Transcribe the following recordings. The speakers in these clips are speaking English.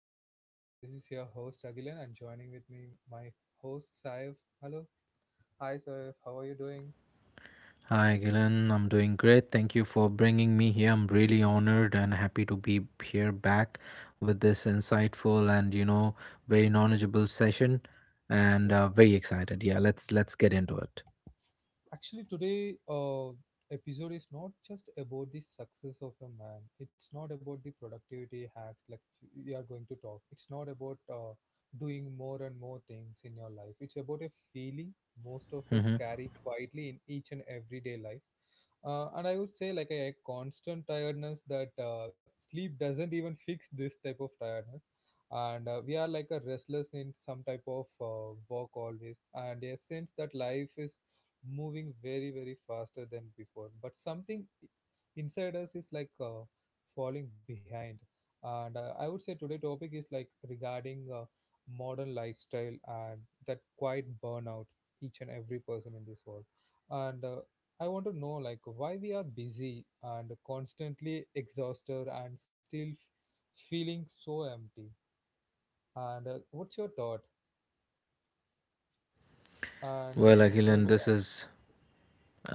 my podcast. This is your host Agilan and joining with me my host Saif. Hello. Hi Saif, how are you doing? Hi, Gillen. I'm doing great. Thank you for bringing me here. I'm really honored and happy to be here back with this insightful and very knowledgeable session, and Yep. Very excited. Yeah, let's get into it. Actually, today episode is not just about the success of a man, it's not about the productivity hacks like you are going to talk, it's not about doing more and more things in your life. It's about a feeling most of us Hmm. carry quietly in each and everyday life. And I would say like a constant tiredness that sleep doesn't even fix this type of tiredness. And we are like a restless in some type of work always, and a sense that life is moving very faster than before, but something inside us is like falling behind. And I would say today topic is like regarding modern lifestyle and that quite burnout each and every person in this world. And I want to know like why we are busy and constantly exhausted and still feeling so empty. And what's your thought, and Well, what's Agilan, your this is—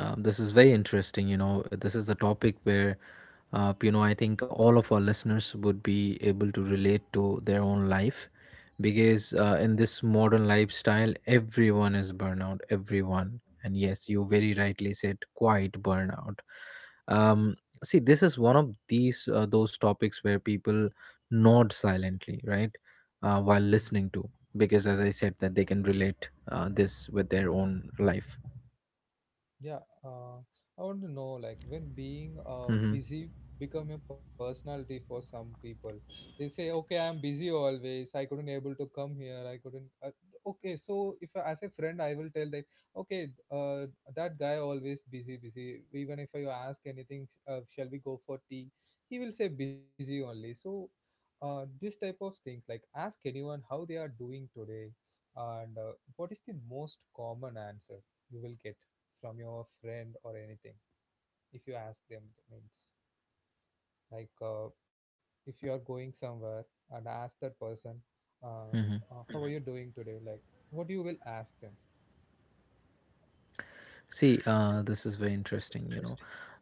This is very interesting. You know, this is a topic where, I think all of our listeners would be able to relate to their own life because in this modern lifestyle, everyone is burnout, everyone. And yes, you very rightly said quite burnout. Um, see, this is one of these, those topics where people nod silently, right, while listening Mhm. to, because as I said, that they can relate this with their own life. Yeah, uh, I want to know like when being Hmm. busy become a personality for some people. They say, okay, I'm busy always. I couldn't able to come here. I couldn't. Okay, so if as a friend, I will tell that okay, that guy always busy, busy. Even if you ask anything, shall we go for tea? He will say busy only. So, this type of things, like ask anyone how they are doing today, and what is the most common answer you will get from your friend or anything if you ask them. That means like if you are going somewhere and ask that person, um, Hmm. How are you doing today, like what you will ask them. See, this is very interesting, you know.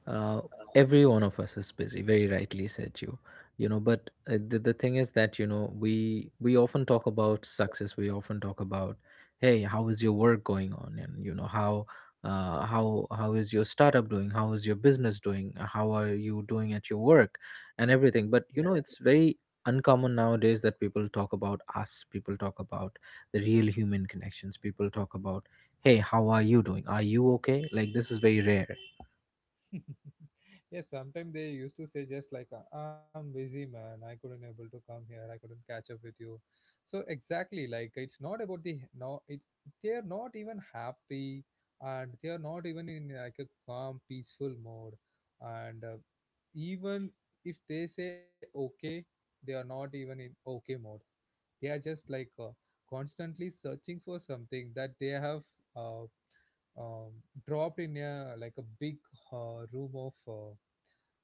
Uh, every one of us is busy, very rightly said you. You know, but the thing is that, you know, we often talk about success. We often talk about, hey, how is your work going on? And, you know, how is your startup doing? How is your business doing? How are you doing at your work and everything? But, you know, it's very uncommon nowadays that people talk about us. People talk about the real human connections. People talk about, hey, how are you doing? Are you okay? Like, this is very rare. Yes, sometimes they used to say just like, "I'm busy, man. I couldn't able to come here. I couldn't catch up with you." So exactly, like it's not about the no. It, they are not even happy, and they are not even in like a calm, peaceful mode. And even if they say okay, they are not even in okay mode. They are just like constantly searching for something that they have uh, um, dropped in a like a big room of.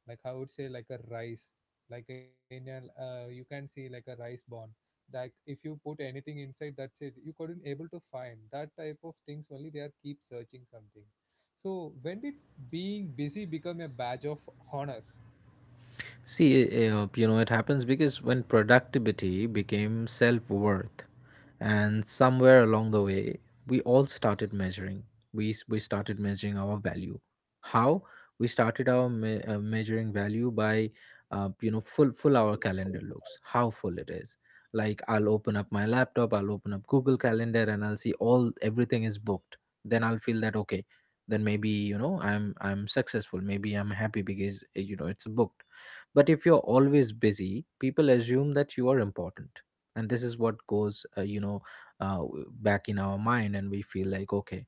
Like I would say like a rice, like in a you can see like a rice bond, like if you put anything inside, that's it, you couldn't able to find. That type of things only, they are keep searching something. So when did being busy become a badge of honor? See, you know, it happens because when productivity became self worth, and somewhere along the way, we all started measuring. We started measuring our value. How? We started measuring value by, full our calendar looks, how full it is. Like I'll open up my laptop, I'll open up Google Calendar, and I'll see all everything is booked. Then I'll feel that okay, then maybe you know I'm successful. Maybe I'm happy because you know it's booked, but if you're always busy, people assume that you are important. And this is what goes, back in our mind, and we feel like, okay,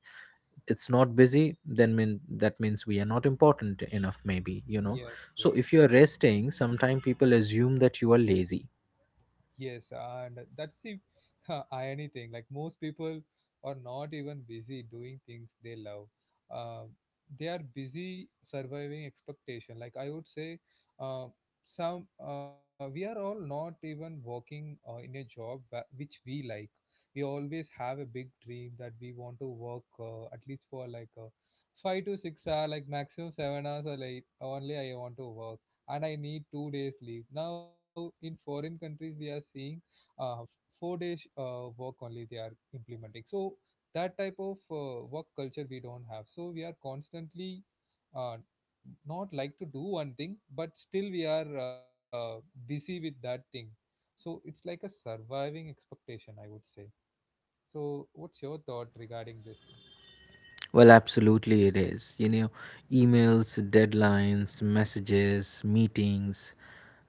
it's not busy, then mean that means we are not important enough, maybe, you know. Yep, So yep. if you are resting, sometimes people assume that you are lazy. Yes, and that's the irony thing. Like most people are not even busy doing things they love. Uh, they are busy surviving expectation. Like I would say, uh, some we are all not even working in a job which we like. We always have a big dream that we want to work at least for like 5 to 6 hour, like maximum 7 hours, or like only I want to work and I need 2 days leave. Now, in foreign countries, we are seeing uh, 4 days work only they are implementing. So that type of work culture we don't have. So we are constantly uh, not like to do one thing, but still we are busy with that thing. So it's like a surviving expectation, I would say. So what's your thought regarding this thing? Well, absolutely it is. You know, emails, deadlines, messages, meetings,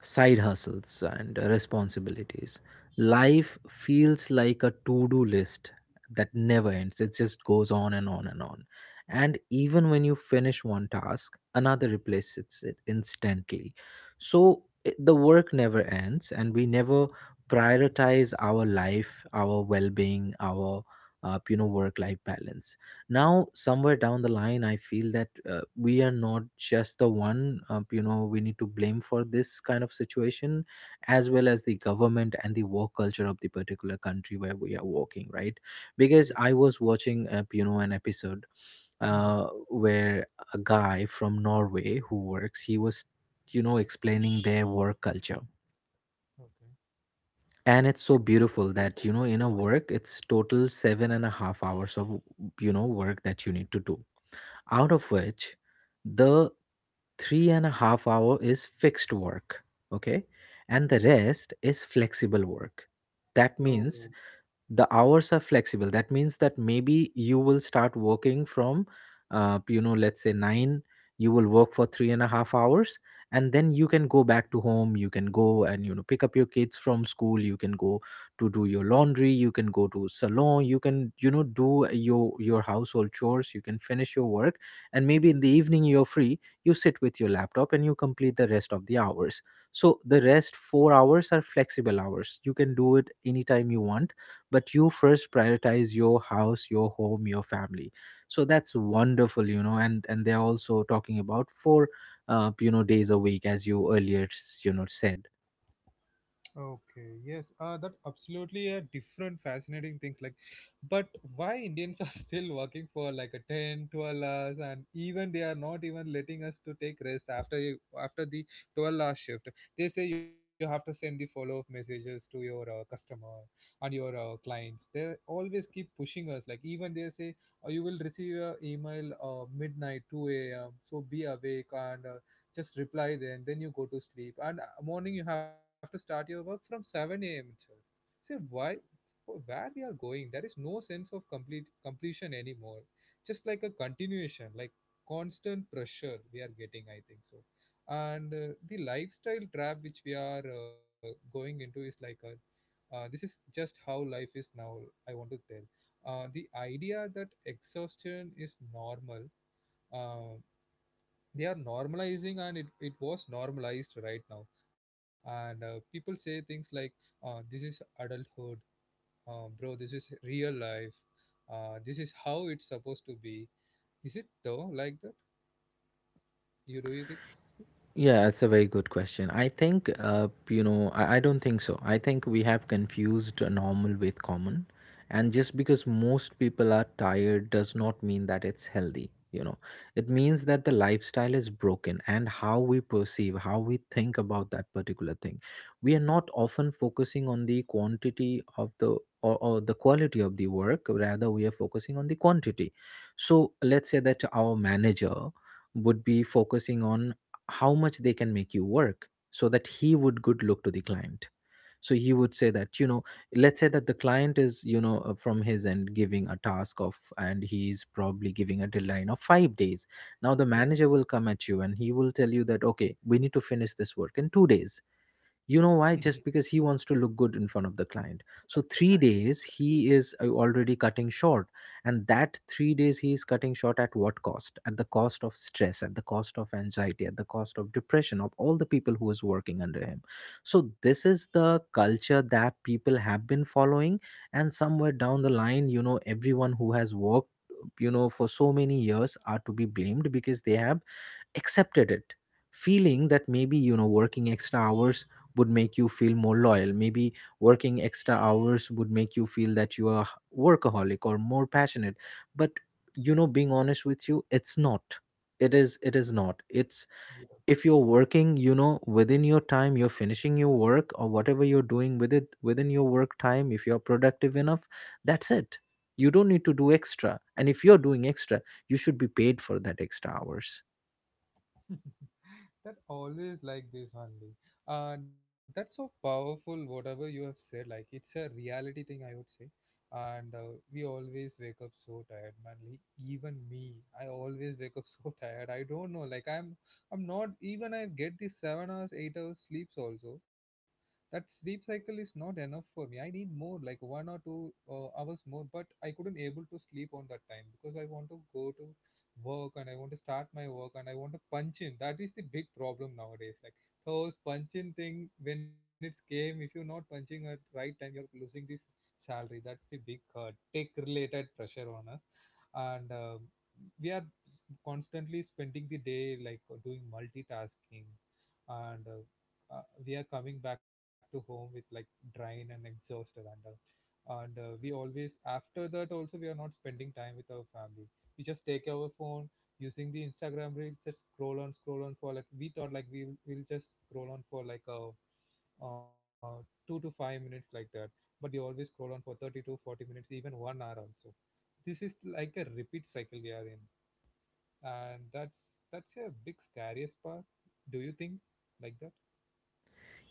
side hustles, and responsibilities. Life feels like a to do list that never ends. It just goes on and on and on. And even when you finish one task, another replaces it instantly. So it, the work never ends, and we never prioritize our life, our well being, our you know, work life balance. Now somewhere down the line, I feel that we are not just the one you know, we need to blame for this kind of situation, as well as the government and the work culture of the particular country where we are working, right? Because Yeah. I was watching you know, an episode Mhm. Where a guy from Norway who works, he was, you know, explaining their work culture, Okay. and it's so beautiful that, you know, in a work it's total 7.5 hours of, you know, work that you need to do, out of which the 3.5 hour is fixed work, okay, and the rest is flexible work. That Yo. means the hours are flexible. That means that maybe you will start working from, you know, let's say nine. You will work for 3.5 hours, and then you can go back to home. You can go and, you know, pick up your kids from school. You can go to do your laundry. You can go to salon. You can, you know, do your household chores. You can finish your work, and maybe in the evening you're free. You sit with your laptop and you complete the rest of the hours. So the rest 4 hours are flexible hours. You can do it anytime you want, but you first prioritize your house, your home, your family. So that's wonderful, you know. And they're also talking about four, you know, days a week, as you earlier you know said. Okay, yes, that absolutely a different fascinating things like, but why Indians are still working for like a 10 12 hours, and even they are not even letting us to take rest after after the 12-hour shift. They say you have to send the follow up messages to your customer and your clients. They always keep pushing us, like even they say, oh, you will receive your email midnight 2 a.m. so be awake and just reply, then you go to sleep, and morning you have to start your work from 7 a.m itself. Say why, for where we are going there is no sense of complete completion anymore, just like a continuation, like constant pressure we are getting, I think so. And the lifestyle trap which we are going into is like a this is just how life is now. I want to tell the idea that exhaustion is normal, uh, they are normalizing, and it was normalized right now. And people say things like, this is adulthood, bro, this is real life, this is how it's supposed to be. Is it though like that, you do you think? Yeah, that's a very good question. I think, I don't think so. I think we have confused a normal with common. And just because most people are tired does not mean that it's healthy, you know. It means that the lifestyle is broken and how we perceive, how we think about that particular thing. We are not often focusing on the quantity of the, or the quality of the work, rather, we are focusing on the quantity. So let's say that our manager would be focusing on how much they can make you work so that he would good look to the client. So he would say that, you know, let's say that the client is, you know, from his end giving a task of, and he's probably giving a deadline of 5 days. Now the manager will come at you and he will tell you that okay, we need to finish this work in 2 days. Yeah. You know why? Just because he wants to look good in front of the client. So 3 days he is already cutting short, and that 3 days he is cutting short at what cost? At the cost of stress, at the cost of anxiety, at the cost of depression of all the people who is working under him. So this is the culture that people have been following, and somewhere down the line, you know, everyone who has worked, you know, for so many years are to be blamed, because they have accepted it, feeling that maybe, you know, working extra hours would make you feel more loyal. Maybe working extra hours would make you feel that you are workaholic or more passionate. But you know, being honest with you, it's not. It is not. It's— if you're working, you know, within your time, you're finishing your work or whatever you're doing with it within your work time, if you're productive enough, that's it. You don't need to do extra. And if you're doing extra, you should be paid for that extra hours. That always like this only. That's so powerful whatever you have said, like it's a reality thing I would say. And we always wake up so tired man, like, even me, I always wake up so tired. I don't know, like I'm not even I get these 7 hours 8 hours sleeps also. That sleep cycle is not enough for me, I need more like 1 or 2 hours more, but I couldn't able to sleep on that time because I want to go to work, and I want to start my work, and I want to punch in. That is the big problem nowadays. Like those punching thing when it's came, if you're not punching at right time, you're losing this salary. That's the big tech related pressure on us. And we are constantly spending the day like doing multitasking, and we are coming back to home with like drain and exhausted and. And we always after that also we are not spending time with our family, we just take our phone using the Instagram reels, just scroll on, scroll on for like, we thought like we'll just scroll on for like a uh, 2 to 5 minutes like that, but we always scroll on for 30 to 40 minutes, even 1 hour also. This is like a repeat cycle we are in, and that's a big scariest part. Do you think like that?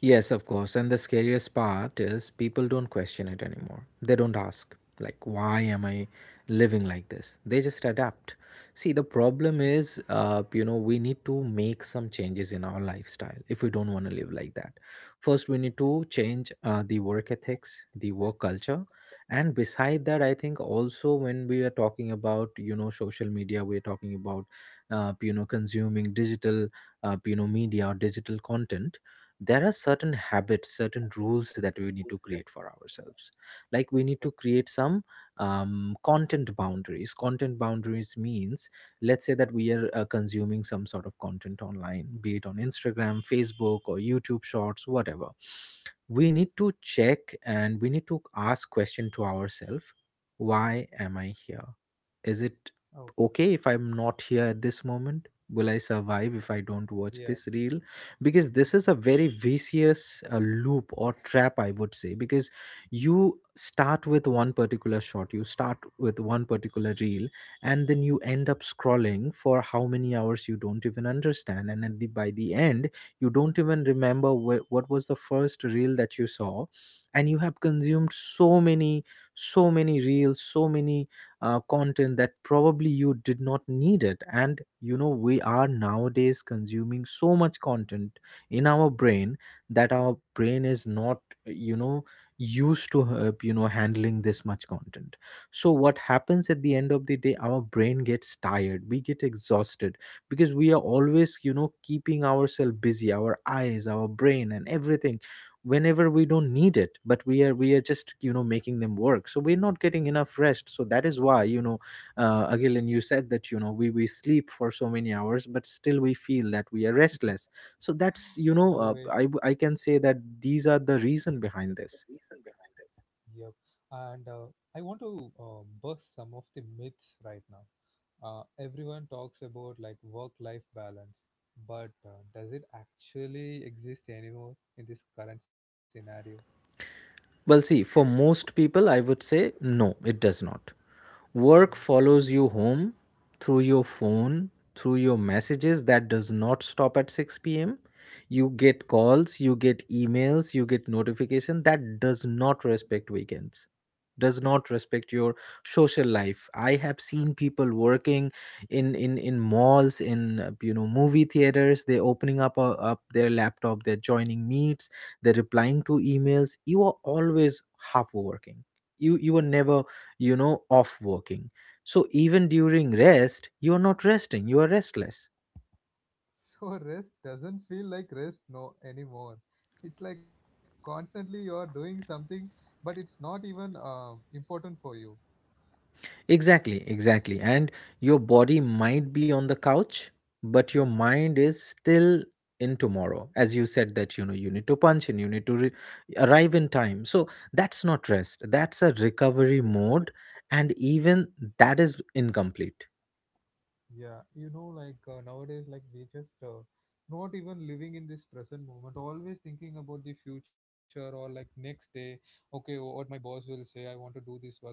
Yes, of course. And the scariest part is people don't question it anymore. They don't ask, like, why am I living like this? They just adapt. See, the problem is, you know, we need to make some changes in our lifestyle if we don't want to live like that. First, we need to change the work ethics, the work culture. And beside that, I think also when we are talking about, you know, social media, we're talking about, you know, consuming digital, you know, media or digital content, there are certain habits, certain rules that we need to create for ourselves. Like we need Yeah. to create some content boundaries. Content boundaries means let's say that we are consuming some sort of content online, be it on Instagram, Facebook, or YouTube shorts, whatever. We need to check and we need to ask question to ourselves, why am I here? Is it Okay. okay if I'm not here at this moment? Will I survive if I don't watch Yeah. this reel? Because this is a very vicious loop or trap, I would say. Because you start with one particular shot, you start with one particular reel, and then you end up scrolling for how many hours you don't even understand. And at the, by the end, you don't even remember what was the first reel that you saw, and you have consumed so many, so many reels, so many content that probably you did not need it. And you know, we are nowadays consuming so much content in our brain that our brain is not, you know, used to you know, handling this much content. So what happens at the end of the day, our brain gets tired, we get exhausted, because we are always, you know, keeping ourselves busy, our eyes, our brain and everything, whenever we don't need it. But we are just, you know, making them work, so we're not getting enough rest. So that is why, you know, Agilan, you said that, you know, we sleep for so many hours but still we feel that we are restless. So that's, you know, uh, Always. I i can say that these are the reason behind this. Yeah, and I want to bust some of the myths right now. Everyone talks about like work-life balance, but does it actually exist anymore in this current scenario? Well, see, for most people I would say no, it does not. Hmm. Work follows you home through your phone, through your messages, that does not stop at 6 p.m. You get calls, you get emails, you get notification that does not respect weekends, does not respect your social life. I have seen people working in in malls, in you know, movie theaters, they opening up up their laptop, they're joining meets, they're replying to emails. You are always half working, you are never, you know, off working. So even during rest you are not resting, you are restless. So rest doesn't feel like rest no anymore. It's like constantly you're doing something, but it's not even important for you. Exactly, exactly. And your body might be on the couch, but your Yeah. mind is still in tomorrow. As you said, that you know, you need to punch in, you need to arrive in time. So that's not rest, that's a recovery mode, and even that is incomplete. Yeah, you know, like nowadays, like we just not even living in this present moment, always thinking about the future or like next day, okay, what my boss will say, I want to do this work.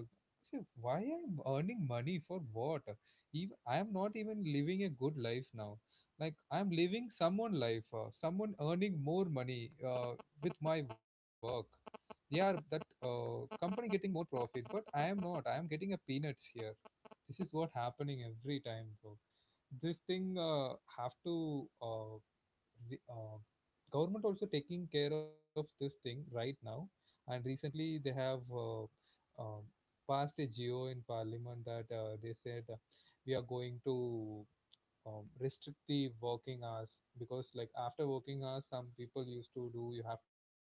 See, why I'm earning money for what? Even I am not even living a good life now. Like I'm living someone life, someone earning more money with my work. Yeah, that company getting more profit, but I am not, I am getting a peanuts here. This is what happening every time, bro. This thing have to re- uh, government also taking care of this thing right now, and recently they have um passed a geo in parliament that they said we are going to restrict the working hours, because like after working hours some people used to do, you have to work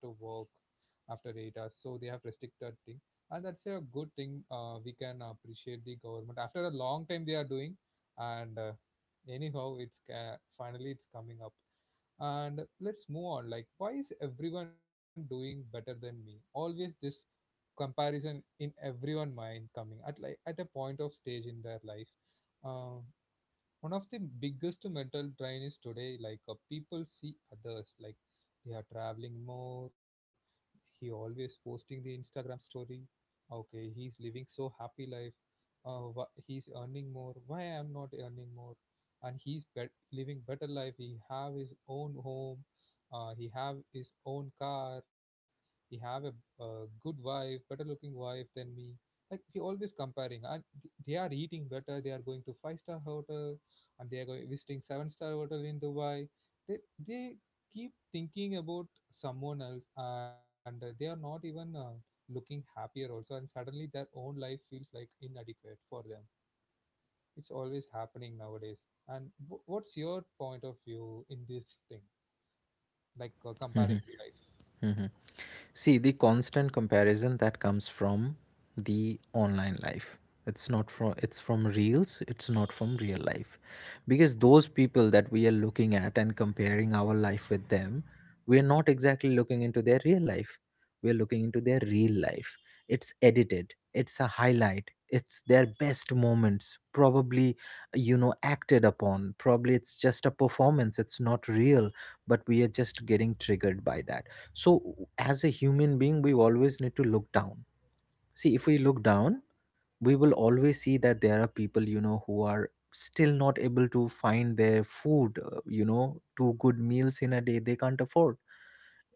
after 8 hours, so they have restricted thing. And that's a good thing, we can appreciate the government after a long time they are doing. And anyhow finally it's coming up. And let's move on, like why is everyone doing better than me, always this comparison in everyone mind coming at like at a point of stage in their life. um One of the biggest mental drain is today, like people see others like they are traveling more, he always posting the Instagram story, okay, he's living so happy life, he's earning more, why I am not earning more, and living better life, he have his own home, he have his own car, he have a good wife, better looking wife than me. Like we always comparing, and they are eating better, they are going to five star hotel, and they are going visiting seven-star hotel in Dubai. They they keep thinking about someone else, and they are not even looking happier also. And suddenly their own life feels like inadequate for them. It's always happening nowadays. And what's your point of view in this thing, like comparing the life? See, the constant comparison that comes from the online life. It's from reels, it's not from real life. Because those people that we are looking at and comparing our life with them, we are not exactly looking into their real life. We are looking into their real life. It's edited, it's a highlight, it's their best moments, probably, you know, acted upon. Probably it's just a performance, it's not real, but we are just getting triggered by that. So, as a human being, we always need to look down. See, if we look down, we will always see that there are people, you know, who are still not able to find their food, you know, two good meals in a day they can't afford.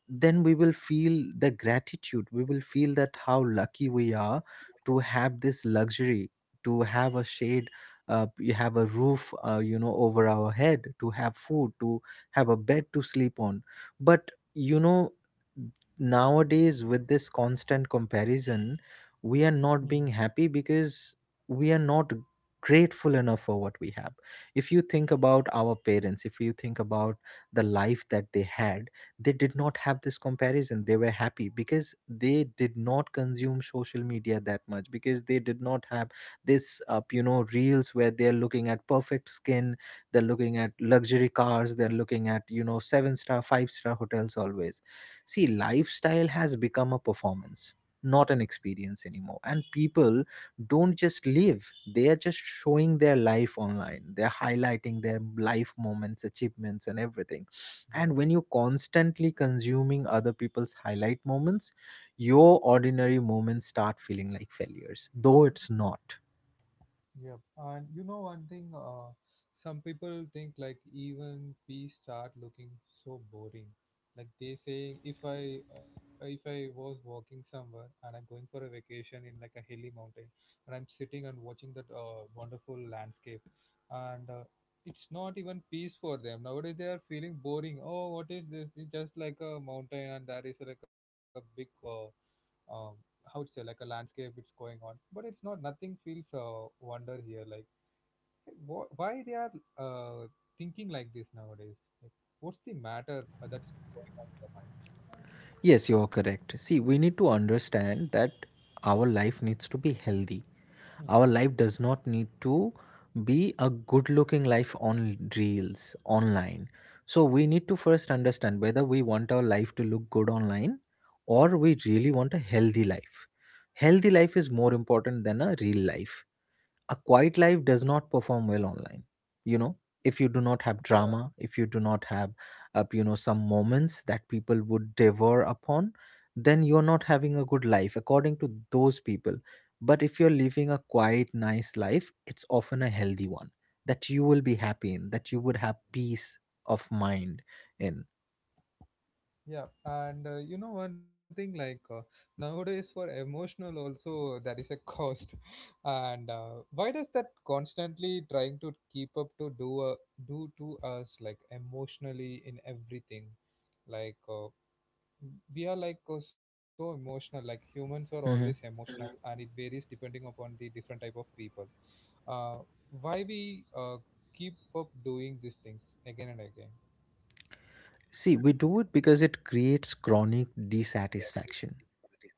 Then we will feel the gratitude, we will feel that how lucky we are to have this luxury, to have a shade, you have a roof, you know, over our head, to have food, to have a bed to sleep on. But you know, nowadays with this constant comparison, we are not Mhm. being happy, because we are not grateful enough for what we have. If you think about our parents, if you think about the life that they had, they did not have this comparison. They were happy because they did not consume social media that much, because they did not have this you know, reels where they're looking at perfect skin, they're looking at luxury cars, they're looking at, you know, seven star, five-star hotels always. See, lifestyle has become a performance, not an experience anymore, and people don't just live, they are just showing their life online, they're highlighting their life moments, achievements and everything. And Yeah. when you constantly consuming other people's highlight moments, your ordinary moments start feeling like failures, though it's not. Yep. And you know one thing, some people think like even peas start looking so boring. Like they say, if I was walking somewhere and I'm going for a vacation in like a hilly mountain, and I'm sitting and watching that wonderful landscape, and it's not even peace for them. Nowadays they are feeling boring. Oh, what is this? It's just like a mountain, and that is like a big um, how it's like a landscape it's going on but it's not nothing feels wonder here, like why they are uh, thinking like this nowadays, like, what's the matter that's going on in their mind. Yes, you're correct. See, we need to understand that our life needs to be healthy. Our Mhm. life does not need to be a good looking life on reels online. So we need to first understand whether we want our life to look good online or we really want a healthy life. Healthy life is more important than a real life. A quiet life does not perform well online, you know. If you do not have yeah drama, if you do not have you know, some moments that people would devour upon, then you're not having a good life according to those people. But if you're living a quiet nice life, it's often a healthy one, that you will be happy in, that you would have peace of mind in. yeah, and you know one thing, like nowadays for emotional also there is a cost and why does that constantly trying to keep up to do do to us, like emotionally in everything, like we are like so emotional, like humans are always Mhm. emotional and it varies depending upon the different type of people. uh, why we keep up doing these things again and again. See, we do it because it creates chronic dissatisfaction.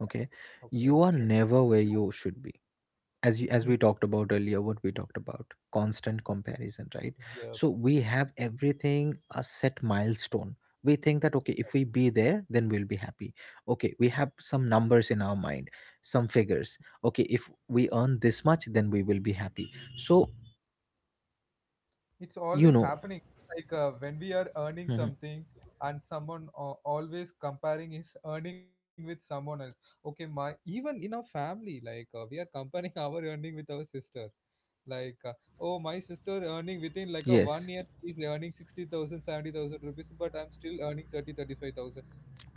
Okay, Okay. you are never where you should be. as you, Mm. as we talked about earlier, what we talked about, constant comparison, right? Yes, So we have everything, a set milestone. We think that, okay, if we be there, then we'll be happy. Okay, we have some numbers in our mind, some figures. Okay, if we earn this much, then we will be happy, so, it's you always know. happening, like when we are earning Mhm. something and someone always comparing his earning with someone else. Okay, my even in our family, like we are comparing our earning with our sister, like oh my sister earning within like a Yes, one year she's earning 60,000, 70,000 rupees but I'm still earning 30, 35,000.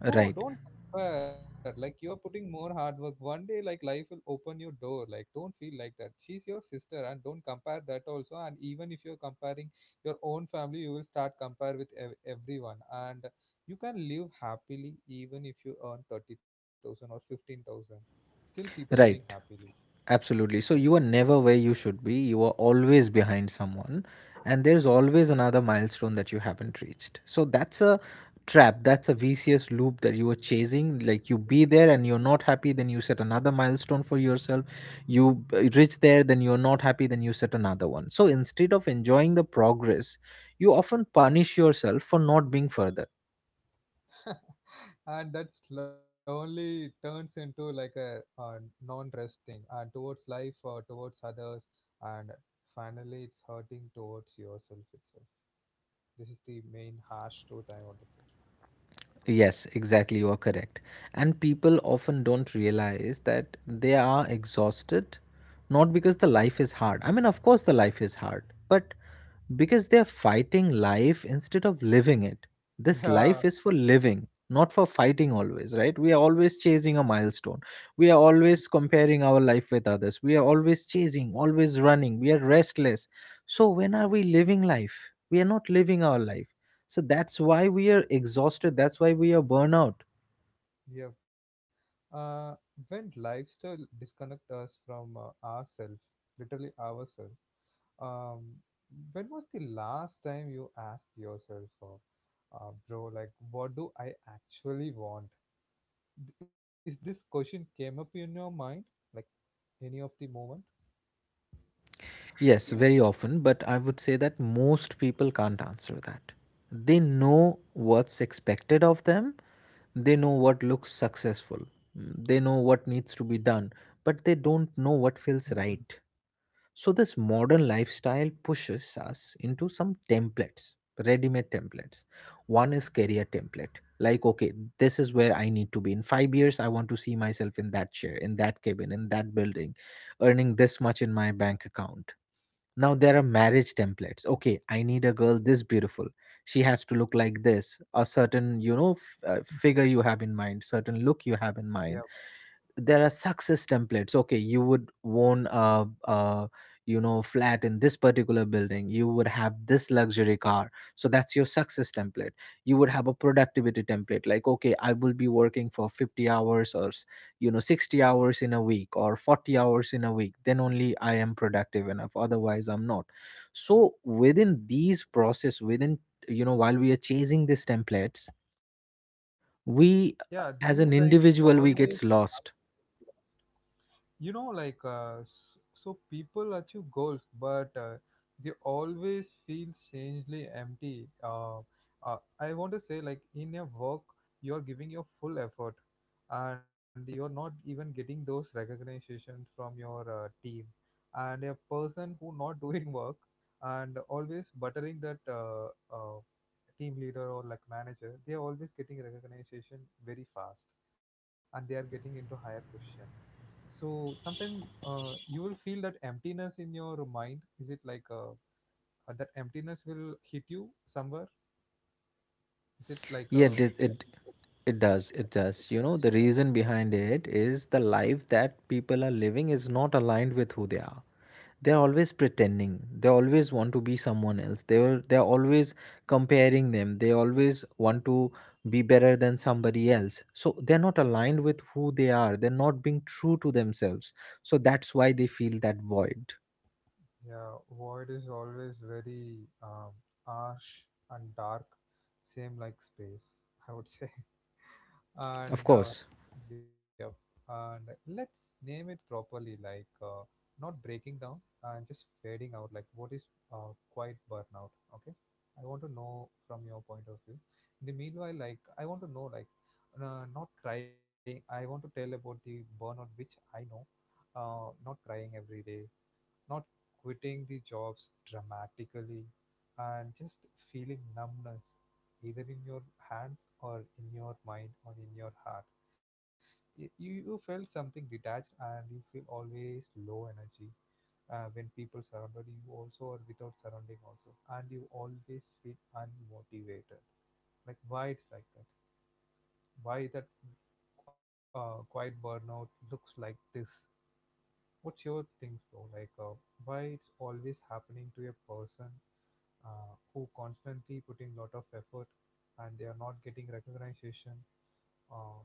No, right, don't swear, like you're putting more hard work. One day, like life will open your door. Like, don't feel like that. She's your sister, and don't compare that also. And even if you're comparing your own family, you will start compare with everyone. And you can live happily even if you earn 30,000 or 15,000. Still, people living right. happily. Absolutely. Yep. So you are never where you should be. You are always behind someone, and there's always another milestone that you haven't reached. So that's a trap. That's a vicious loop that you are chasing. Like you be there and you're not happy, then you set another milestone for yourself. You reach there, then you're not happy, then you set another one. So instead of enjoying the progress, you often punish yourself for not being further. And that slowly turns into like a, non-rest thing and towards life or towards others, and finally it's hurting towards yourself itself. This is the main harsh truth I want to say. Yes, exactly. You are correct. And people often don't realize that they are exhausted, not because the life is hard. I mean, of course, the life is hard, but because they're fighting life instead of living it. This Yeah. life is for living, not for fighting always, right? We are always chasing a milestone. We are Mm, always comparing our life with others. We are always chasing, always running. We are restless. So, when are we living life? We are not living our life, so that's why we are exhausted. That's why we are burnout. yeah. uh, when lifestyle disconnect us from ourselves, literally ourselves. Um, when was the last time you asked yourself, bro, like what do I actually want? Is this question came up in your mind, like any of the moment? Yes, very often, but I would say that most people can't answer that. They know what's expected of them, they know what looks successful, they know what needs to be done, but they don't know what feels Mhm. right. So this modern lifestyle pushes us into some templates, ready-made templates. One is career template. Like, okay, this is where I need to be. In 5 years, I want to see myself in that chair, in that cabin, in that building, earning this much in my bank account. Now there are marriage templates. Okay, I need a girl this beautiful. She has to look like this. A certain, you know, figure you have in mind, certain look you Yeah. have in mind. There are success templates. Okay, you would own a, you know, flat in this particular building, you would have this luxury car, so that's your success template. You would have a productivity template, like okay, I will be working for 50 hours or you know, 60 hours in a week or 40 hours in a week, then only I am productive enough, otherwise I'm not. So within these process, within, you know, while we are chasing these templates, Yeah, we this is like as an always. individual, we gets lost. You know, like so people achieve goals but they always feel strangely empty. Uh, I want to say, like in your work you are giving your full effort and you're not even getting those recognitions from your team, and a person who not doing work and always buttering that uh, team leader or like manager, they are always getting recognition very fast and they are getting into higher position. So sometimes you will feel that emptiness in your mind. Is it like that emptiness will hit you somewhere? Is it like a Yeah, it, does- it it does. It does. You know, the reason behind it is the life that people are living is not aligned with who they are. They're always pretending. They always want to be someone else. They're always comparing them. They always want to be better than somebody else. So they're not aligned with who they are. They're not being true to themselves. So that's why they feel that void. yeah? Void is always very harsh and dark, same like space. I would say. Of and course. yep. And let's name it properly, like not breaking down and just fading out, like what is quite burnout. Okay, I want to know from your point of view. In the meanwhile, like I want to know like not crying, I want to tell about the burnout which I know, not crying every day, not quitting the jobs dramatically, and just feeling numbness, either in your hands or in your mind or in your heart. You, you felt something detached and you feel always low energy when people surrounded you also or without surrounding also. And you always feel unmotivated. Like why it's like that? Why that quiet burnout looks like this? What's your thing, bro? Like why it's always happening to a person who constantly putting lot of effort and they are not getting recognition uh,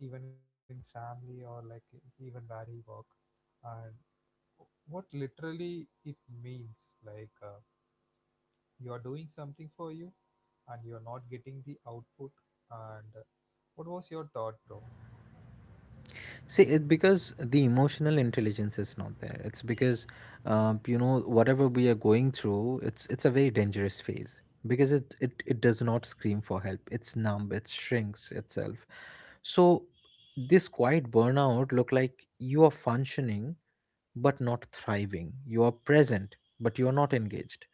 even in family or like even where he work, and what literally it means, like you are doing something for you and you are not getting the output, and what was your thought, bro? See, it because the emotional intelligence is not there. It's because, you know, whatever we are going through, it's a very dangerous phase, because it does not scream for help. It's numb. It shrinks itself. So, this quiet burnout look like you are functioning but not thriving. You are present but you are not engaged.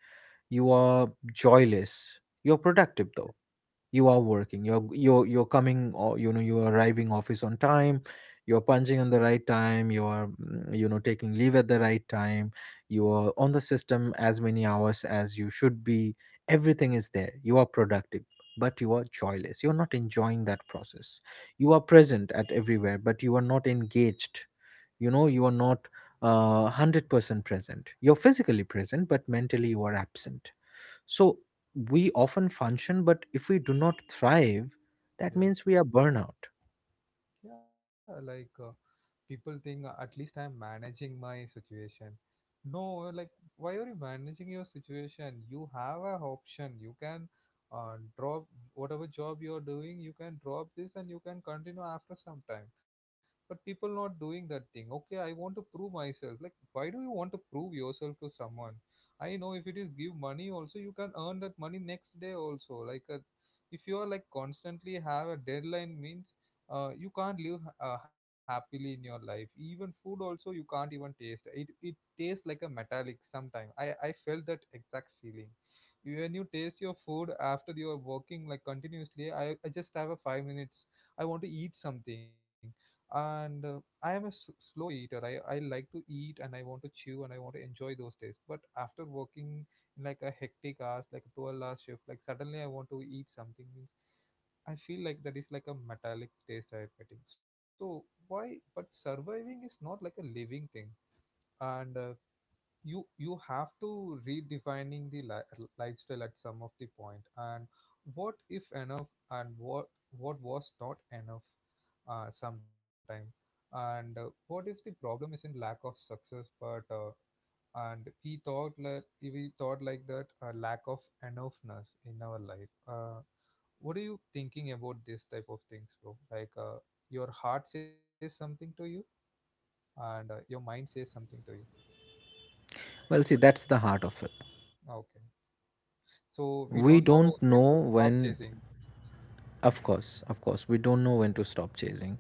You are joyless. You're productive though. You are working, you're coming, or you know, you're arriving office on time, you're punching on the right time, you are you know, taking leave at the right time, you are on the system as many hours as you should be. Everything is there, you are productive, but you are joyless, you're not enjoying that process. You are present at everywhere but you are not engaged. You know, you are not 100% present. You're physically present but mentally you are absent. So we often function, but if we do not thrive, that yeah means we are burnout. yeah like people think at least I'm managing my situation. No, like why are you managing your situation? You have a option. You can drop whatever job you are doing. You can drop this and you can continue after some time. But people not doing that thing. Okay, I want to prove myself. Like why do you want to prove yourself to someone? I know if it is give money also, you can earn that money next day also. Like if you are like constantly have a deadline means you can't live happily in your life, even food also you can't even taste it, it tastes like a metallic sometime. I felt that exact feeling. When you taste your food after you are working like continuously, I just have a 5 minutes. I want to eat something. And I am a slow eater. I like to eat and I want to chew and I want to enjoy those days. But after working in like a hectic hours, like a 12-hour shift, like suddenly I want to eat something means I feel like that is like a metallic taste I am getting. So why? But surviving is not like a living thing, and you you have to redefining the lifestyle at some of the point, and what if enough and what was not enough sometime, and what if the problem is in lack of success but and we thought like that lack of enoughness in our life. What are you thinking about this type of things, bro? Like your heart says something to you, and your mind says something to you. Well, see, that's the heart of it. Okay, so we We don't know don't when know to stop when, chasing. Of course, we don't know when to stop chasing.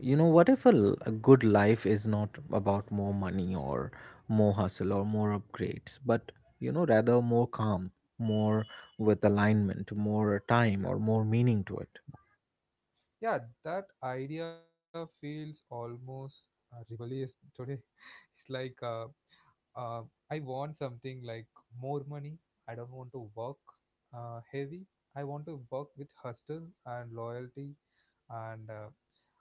You know, what if a good life is not about more money or more hustle or more upgrades, but, you know, rather more calm, more with alignment, more time, Yeah, or more meaning to it? yeah, that idea feels almost rebellious today. It's like uh, I want something like more money. I don't want to work heavy. I want to work with hustle and loyalty. And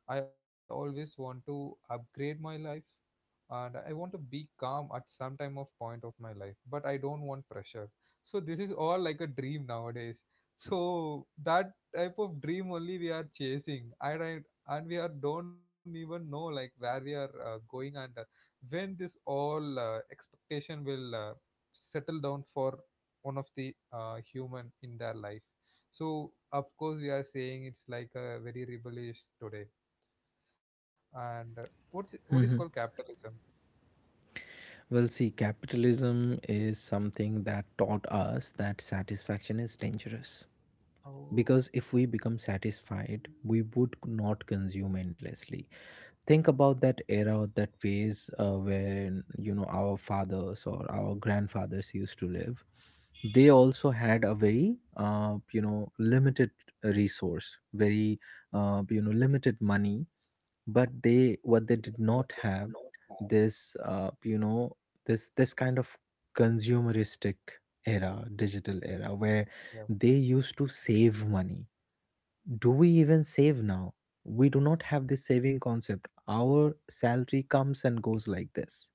I always want to upgrade my life, and I want to be calm at some time of point of my life but I don't want pressure. So this is all like a dream nowadays. So that type of dream only we are chasing, and we are don't even know like where we are going, and when this all expectation will settle down for one of the human in their life. So of course we are saying it's like a very rebellious today, and what is called capitalism. Well, see, capitalism is something that taught us that satisfaction is dangerous. Oh. Because if we become satisfied, we would not consume endlessly. Think about that era, that phase, when you know, our fathers or our grandfathers used to live. They also had a very you know, limited resource, very you know, limited money, but they, what they did not have, this you know, this kind of consumeristic era, digital era where Yeah. they used to save money. Do we even save now? We do not have this saving concept. Our salary comes and goes like this.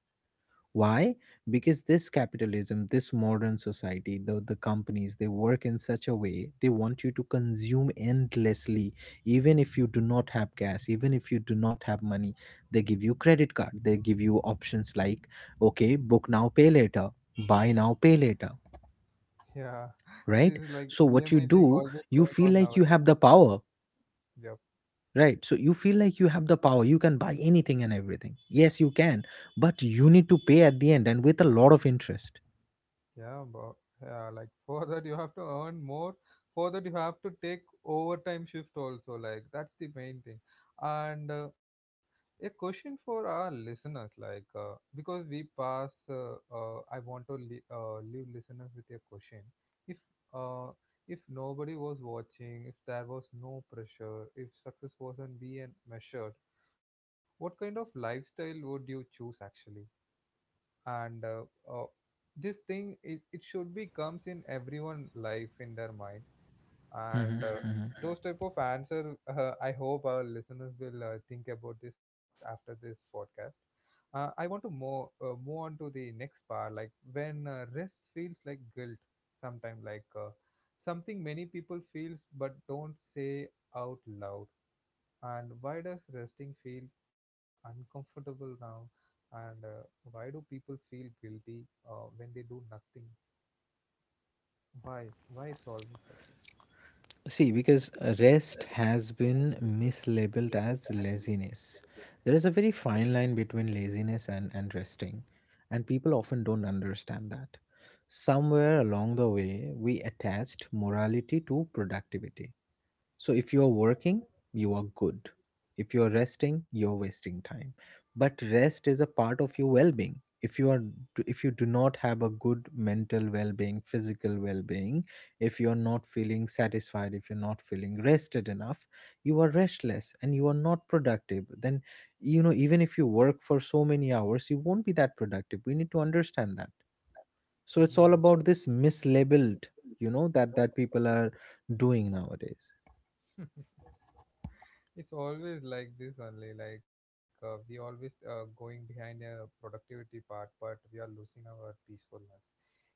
Why? Because this capitalism, this modern society, the companies, they work in such a way they want you to consume endlessly. Even if you do not have gas, even if you do not have money, they give you credit card. They give you options like, okay, book now, pay later, buy now, pay later, Yeah. This right? is like So what you EMI thing do, always you going feel on like you nowadays. have the power. Yep. Right, so you feel like you have the power, you can buy anything and everything. Yes, you can, but you need to pay at the end and with a lot of interest. Yeah, but yeah, like for that you have to earn more. For that you have to take overtime shift also. Like that's the main thing. And a question for our listeners, like I want to leave listeners with a question. If uh, if nobody was watching, if there was no pressure, if success wasn't being measured, what kind of lifestyle would you choose actually? And uh, this thing it, it should be comes in everyone life in their mind, and Mhm, uh, mhm. those type of answer. I hope our listeners will think about this after this podcast. I want to more move on to the next part, like when rest feels like guilt sometime, like something many people feels but don't say out loud. And why does resting feel uncomfortable now? And why do people feel guilty when they do nothing? Why? Why it's always like this? See, because rest has been mislabeled as laziness. There is a very fine line between laziness and resting, and people often don't understand that. Somewhere along the way, we attached morality to productivity. So if you're working, you are good. If you're resting, you're wasting time. But rest is a part of your well-being. If you do not have a good mental well-being, physical well-being, if you're not feeling satisfied, if you're not feeling rested enough, you are restless and you are not productive. Then even if you work for so many hours, you won't be that productive. We need to understand that. So it's all Yes. about this mislabeled, that people are doing nowadays. It's always like this only, like we always going behind a productivity part, but we are losing our peacefulness.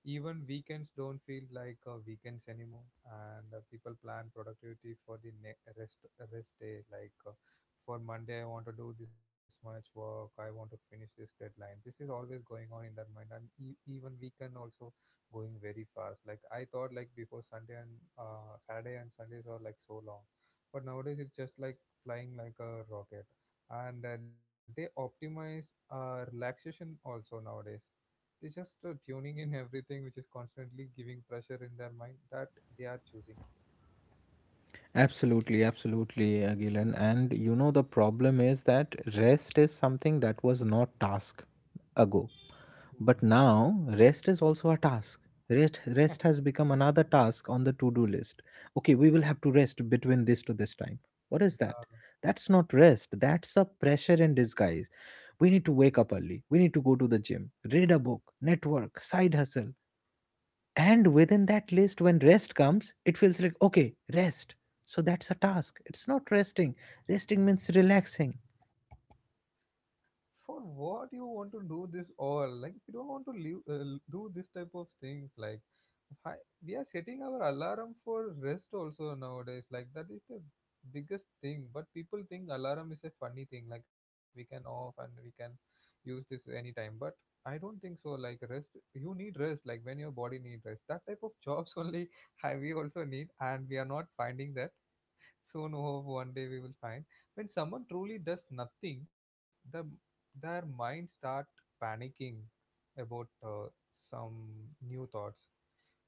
Even weekends don't feel like weekends anymore, and people plan productivity for the rest day. Like for Monday, I want to do this much work. I want to finish this deadline. This is always going on in their mind, and even weekend also going very fast. Like I thought, like before Sunday and Saturday and Sundays are like so long but nowadays it's just like flying like a rocket. And they optimize relaxation also nowadays. They just tuning in everything which is constantly giving pressure in their mind that they are choosing it. Absolutely, absolutely, Gilan. And the problem is that rest is something that was not task ago. But Mhm. now, rest is also a task. Rest has become another task on the to-do list. Okay, we will have to rest between this to this time. What is that? Yeah. That's not rest. That's a pressure in disguise. We need to wake up early. We need to go to the gym, read a book, network, side hustle. And within that list, when rest comes, it feels like, okay, rest. So that's a task. It's not resting. Resting means relaxing. For what you want to do this all, like, we don't want to live, do this type of things like hi, we are setting our alarm for rest also nowadays, like that is the biggest thing. But people think alarm is a funny thing, like we can off and we can use this anytime. But I don't think so. Like rest, you need rest, like when your body need rest. That type of jobs only we also need, and we are not finding that. Soon, hope one day we will find. When someone truly does nothing, their mind start panicking about some new thoughts.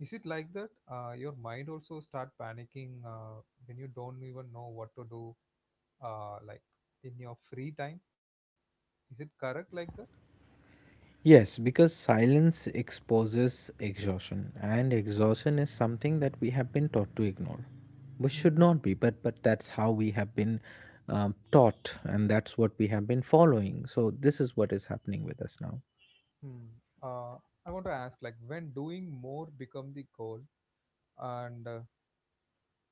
Is it like that? Your mind also start panicking when you don't even know what to do, like in your free time. Is it correct like that? Yes, because silence exposes exhaustion, and exhaustion is something that we have been taught to ignore. We should Mhm. not be, but that's how we have been taught, and that's what we have been following. So this is what is happening with us now. Hmm. Uh, I want to ask, like, when doing more become the goal, and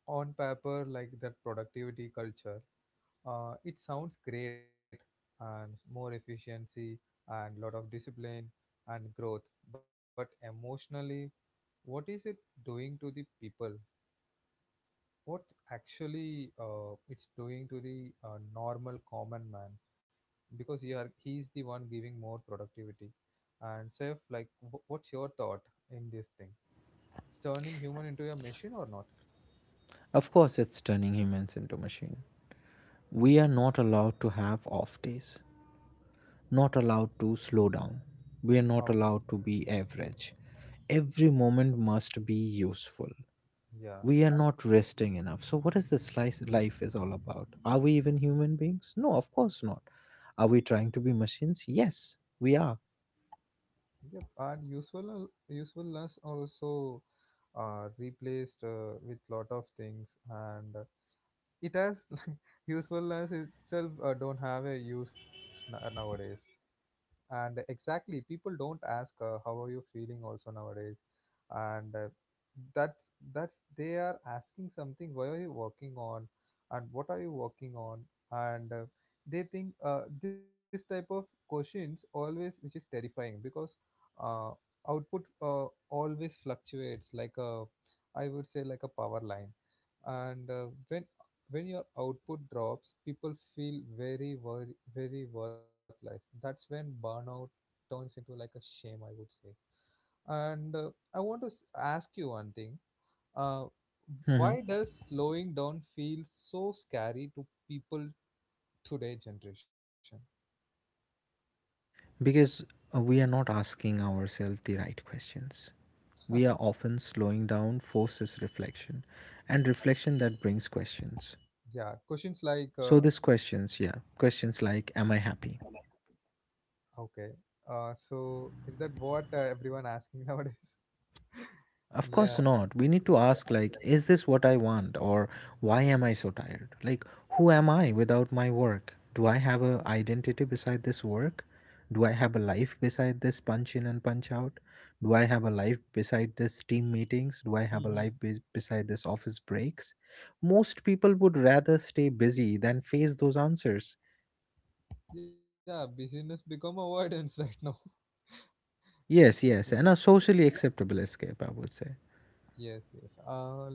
on paper, like that productivity culture. It sounds great, and more efficiency and lot of discipline and growth, but emotionally, what is it doing to the people? What actually it's doing to the normal common man? Because you are, he's the one giving more productivity. And Seth, like, what's your thought in this thing? It's turning human into a machine or not? Of course, it's turning humans into machine. We are Hmm. not allowed to have off days. Not allowed to slow down. We are Okay, not allowed to be average. Every moment must be useful. yeah. We are not resting enough. So, what is this life is all about? Are we even human beings? No, of course not. Are we trying to be machines? Yes, we are. Yep, and usual usefulness also replaced with lot of things, and it has usefulness itself don't have a use nowadays. And exactly, people don't ask how are you feeling also nowadays, and that's they are asking something. Why are you working on, and what are you working on, and they think this type of questions always, which is terrifying. Because uh, output always fluctuates like a, I would say, like a power line. And when your output drops, people feel very, very, very worthless. That's when burnout turns into like a shame, I would say. And I want to ask you one thing. Uh, Mhm. why does slowing down feel so scary to people today generation? Because we are not asking ourselves the right questions. We are often slowing down forces reflection, and reflection that brings questions. Yeah, questions like, So, these questions, yeah, questions like, Am I happy? okay, so is that what everyone asking nowadays? Of Yeah. course not. We need to ask, like, is this what I want? Or why am I so tired? Like, who am I without my work? Do I have a identity beside this work? Do I have a life beside this punch in and punch out? Do I have a life beside this team meetings? Do I have a life Mhm. beside this office breaks? Most people would rather stay busy than face those answers. Yeah, busyness become avoidance right now. That's Yes, it. yes, and a socially acceptable escape, I would say. Yes, yes.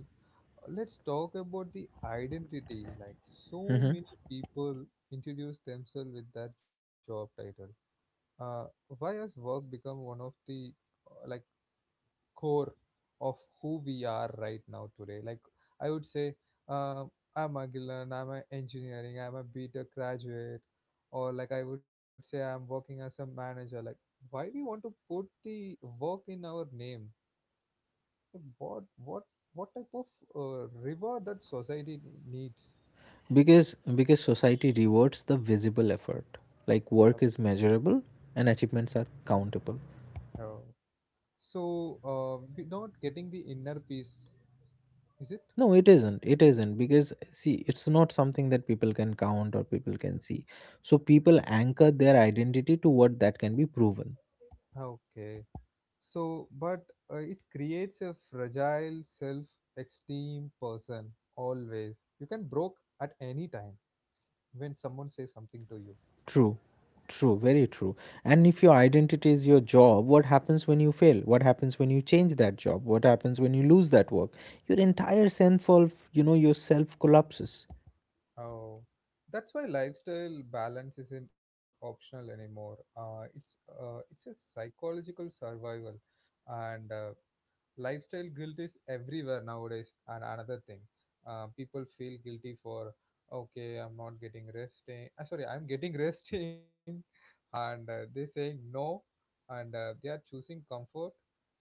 Let's talk about the identity. Like, so Mhm. many people introduce themselves with that job title. Uh, why has work become one of the like core of who we are right now today? Like, I would say, uh, I'm Agilan, I'm an engineering, I'm a BTech graduate, or like I would say, I'm working as a manager. Like, why we want to put the work in our name? What what type of river that society needs? Because society rewards the visible effort, Uh, like work is measurable and achievements are countable. uh, so we're not getting the inner peace, is it? No, it isn't. Because, see, it's not something that people can count or people can see, so people anchor their identity to what that can be proven. Okay. So, but it creates a fragile self-esteem person always. You can broke at any time, s- when someone says something to you. True, true, very true. And if your identity is your job, what happens when you fail? What happens when you change that job? What happens when you lose that work? Your entire sense of yourself collapses. Oh, that's why lifestyle balance isn't optional anymore. It's it's a psychological survival, and lifestyle guilt is everywhere nowadays. And another thing, people feel guilty for, okay, I'm not getting resting, sorry, I'm getting resting. And they saying no, and they are choosing comfort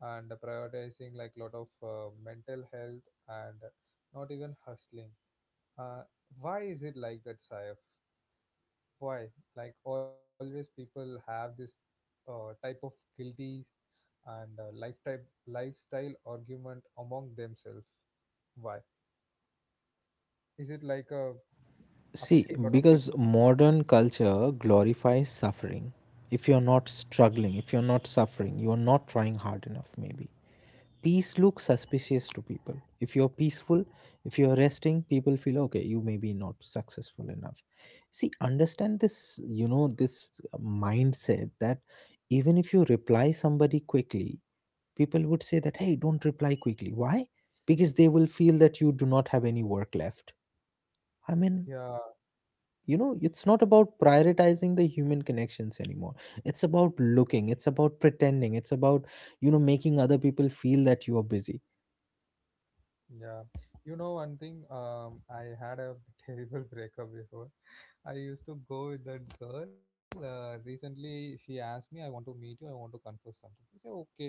and prioritizing like lot of mental health and not even hustling. uh, why is it like that, Saif? Why, like always people have this type of guilty and lifetime lifestyle argument among themselves? Why is it like a See, after lot of people? because modern culture glorifies suffering. If you're not struggling, if you're not suffering, you're not trying hard enough, maybe. Peace looks suspicious to people. If you're peaceful, if you're resting, people feel okay, you may be not successful enough. See, understand this, this mindset that even if you reply somebody quickly, people would say that, hey, don't reply quickly. Why? Because they will feel that you do not have any work left. I mean, Yeah, it's not about prioritizing the human connections anymore. It's about looking, it's about pretending, it's about making other people feel that you are busy. yeah, you know one thing, um, I had a terrible breakup before. I used to go with that girl. Recently, she asked me, I want to meet you. I want to confess something. I said, okay,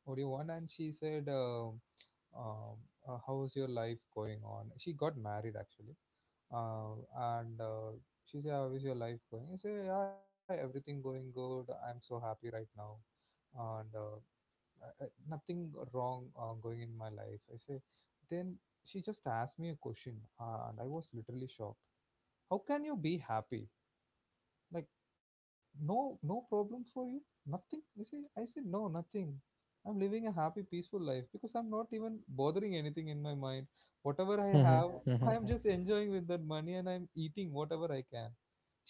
what do you want? And she said, um, how's your life going on? She got married, actually. And she said, how is your life going? I said, yeah, everything going good. I'm so happy right now. And nothing wrong going in my life. I say, then she just asked me a question. And I was literally shocked. How can you be happy? Like, no, no problem for you, nothing. I say, I say, no, nothing. I'm living a happy peaceful life because I'm not even bothering anything in my mind. Whatever I have, Mm-hmm. Mm-hmm. I am just enjoying with that money, and I'm eating whatever I can.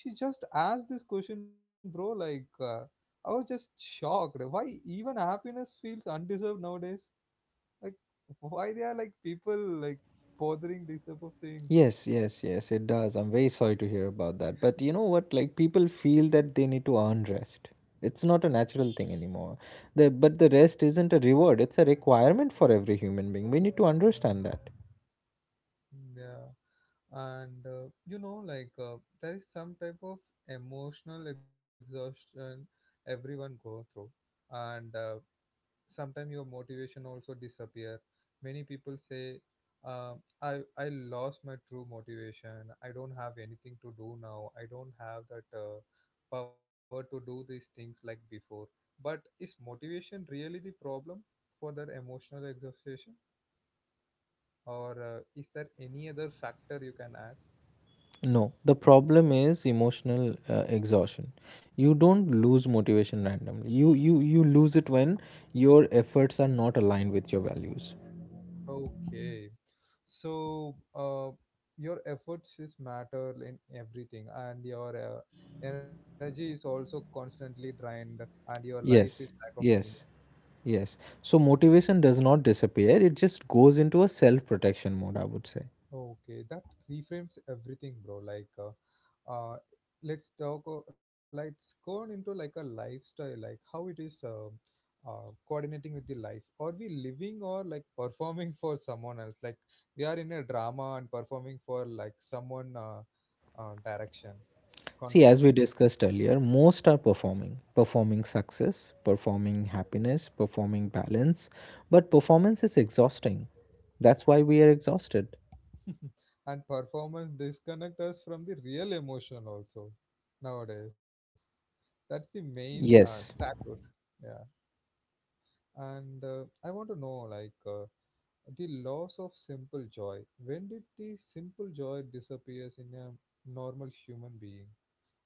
She just asked this question, bro. Like, uh, I was just shocked. Why even happiness feels undeserved nowadays? Like, why they are like people like bothering these type of things? Yes, yes, yes, it does. I'm very sorry to hear about that. But you know what? Like, people feel that they need to earn rest. It's not a natural thing anymore. The but the rest isn't a reward, it's a requirement for every human being. We need to understand that. Yeah. And you know, like there is some type of emotional exhaustion everyone go through, and sometimes your motivation also disappear. Many people say, uh, "I lost my true motivation. I don't have anything to do now. I don't have that power to do these things like before." But is motivation really the problem for that emotional exhaustion, or is there any other factor you can add? No, the problem is emotional exhaustion. You don't lose motivation randomly. You lose it when your efforts are not aligned with your values. Okay. So, your efforts is matter in everything, and your energy is also constantly drained, and your life is Yes. lack of meaning. Yes. Yes. So motivation does not disappear. It just goes into a self-protection mode, I would say. Okay, that reframes everything, bro. Uh, let's talk. Let's go on into like a lifestyle, like how it is, um, coordinating with the life. Are we living, or like performing for someone else? Like we are in a drama and performing for like someone, direction, See, constant, as we discussed earlier, most are performing, performing success, performing happiness, performing balance, but performance is exhausting. That's why we are exhausted. and performance disconnect us from the real emotion also nowadays. That's the main sad Yes. truth. Yeah. And I want to know, like, the loss of simple joy. When did the simple joy disappears in a normal human being?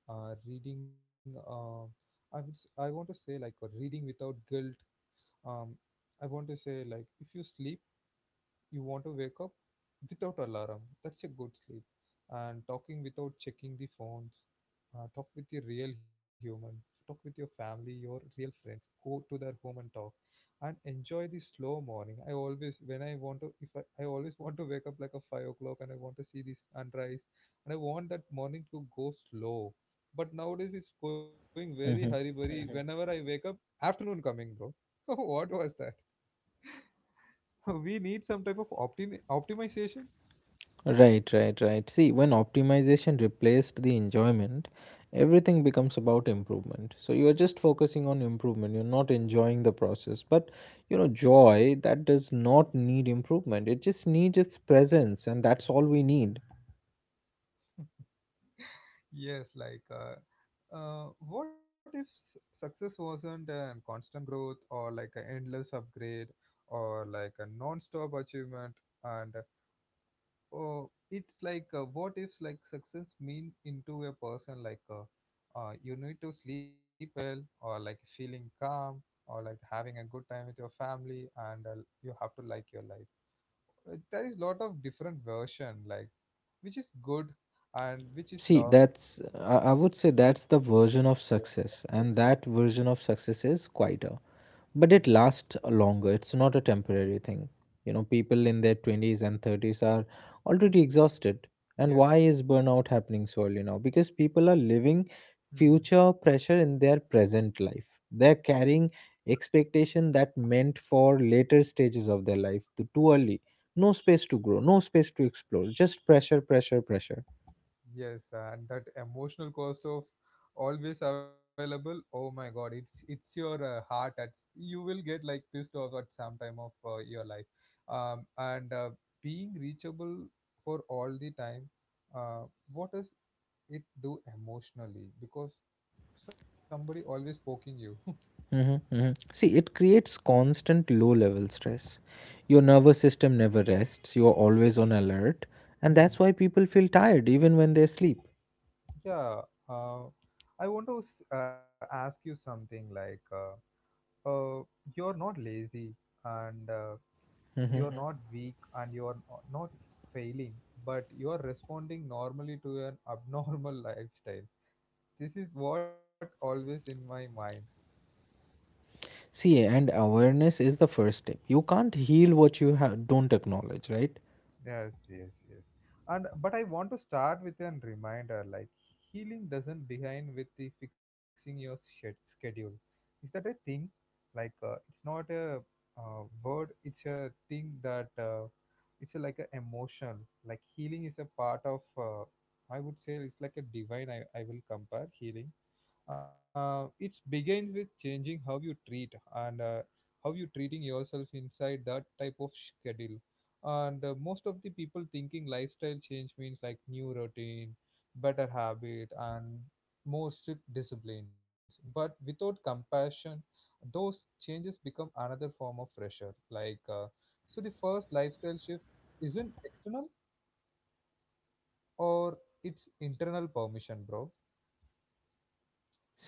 Reading, I would, s- I want to say like reading without guilt. Um, I want to say, like, if you sleep, you want to wake up without alarm. That's a good sleep. And talking without checking the phones. Talk with a real human. Talk with your family, your real friends. Go to their home and talk, and enjoy the slow morning. I always, when I want to, if I, I always want to wake up like a 5 o'clock, and I want to see this sunrise, and I want that morning to go slow. But nowadays it's going very hurry Mhm. burry. Whenever I wake up, afternoon coming, bro. What was that? We need some type of optimization. Right, right, right. See, when optimization replaced the enjoyment, everything becomes about improvement. So you are just focusing on improvement, you're not enjoying the process. But joy that does not need improvement, it just needs its presence, and that's all we need. Yes, like, what if success wasn't, constant growth or like an endless upgrade or like a non-stop achievement? And oh, it's like, what if like success mean into a person like, you need to sleep well or like feeling calm or like having a good time with your family, and you have to like your life. There is lot of different version, like which is good and which is See, lost. that's I would say that's the version of success, and that version of success is quieter. But it lasts longer, it's not a temporary thing. People in their 20s and 30s are already exhausted. And Yes. why is burnout happening so early now? Because people are living Hmm. future pressure in their present life. They're carrying expectation that meant for later stages of their life too early. No space to grow, no space to explore, just pressure, pressure, pressure. Yes, and that emotional cost of always available. Oh my God, it's your heart. At you will get like pissed off at some time of your life, and being reachable for all the time. Uh, what does it do emotionally? Because somebody always poking you. Mm-hmm, mm-hmm. See, it creates constant low level stress. Your nervous system never rests, you're always on alert, and Mhm. that's why people feel tired even when they sleep. Yeah. Uh, I want to s- ask you something like, uh, you're not lazy and. Uh, Mm-hmm. you're Mm-hmm. not weak, and you're not failing, but you're responding normally to an abnormal lifestyle. This is what always in my mind. See, and awareness is the first step. You can't heal what you don't acknowledge, right? Yes, yes, yes. And but I want to start with a reminder, like healing doesn't begin with the fixing your schedule. Is that a thing? Like, it's not a word, it's a thing that it's a, like a emotion. Like healing is a part of I would say it's like a divine, I will compare healing. It begins with changing how you treat and how you treating yourself inside that type of schedule. And most of the people thinking lifestyle change means like new routine, better habit, and more strict disciplines, but without compassion, those changes become another form of pressure. Like, so the first lifestyle shift isn't external, or it's internal permission, bro.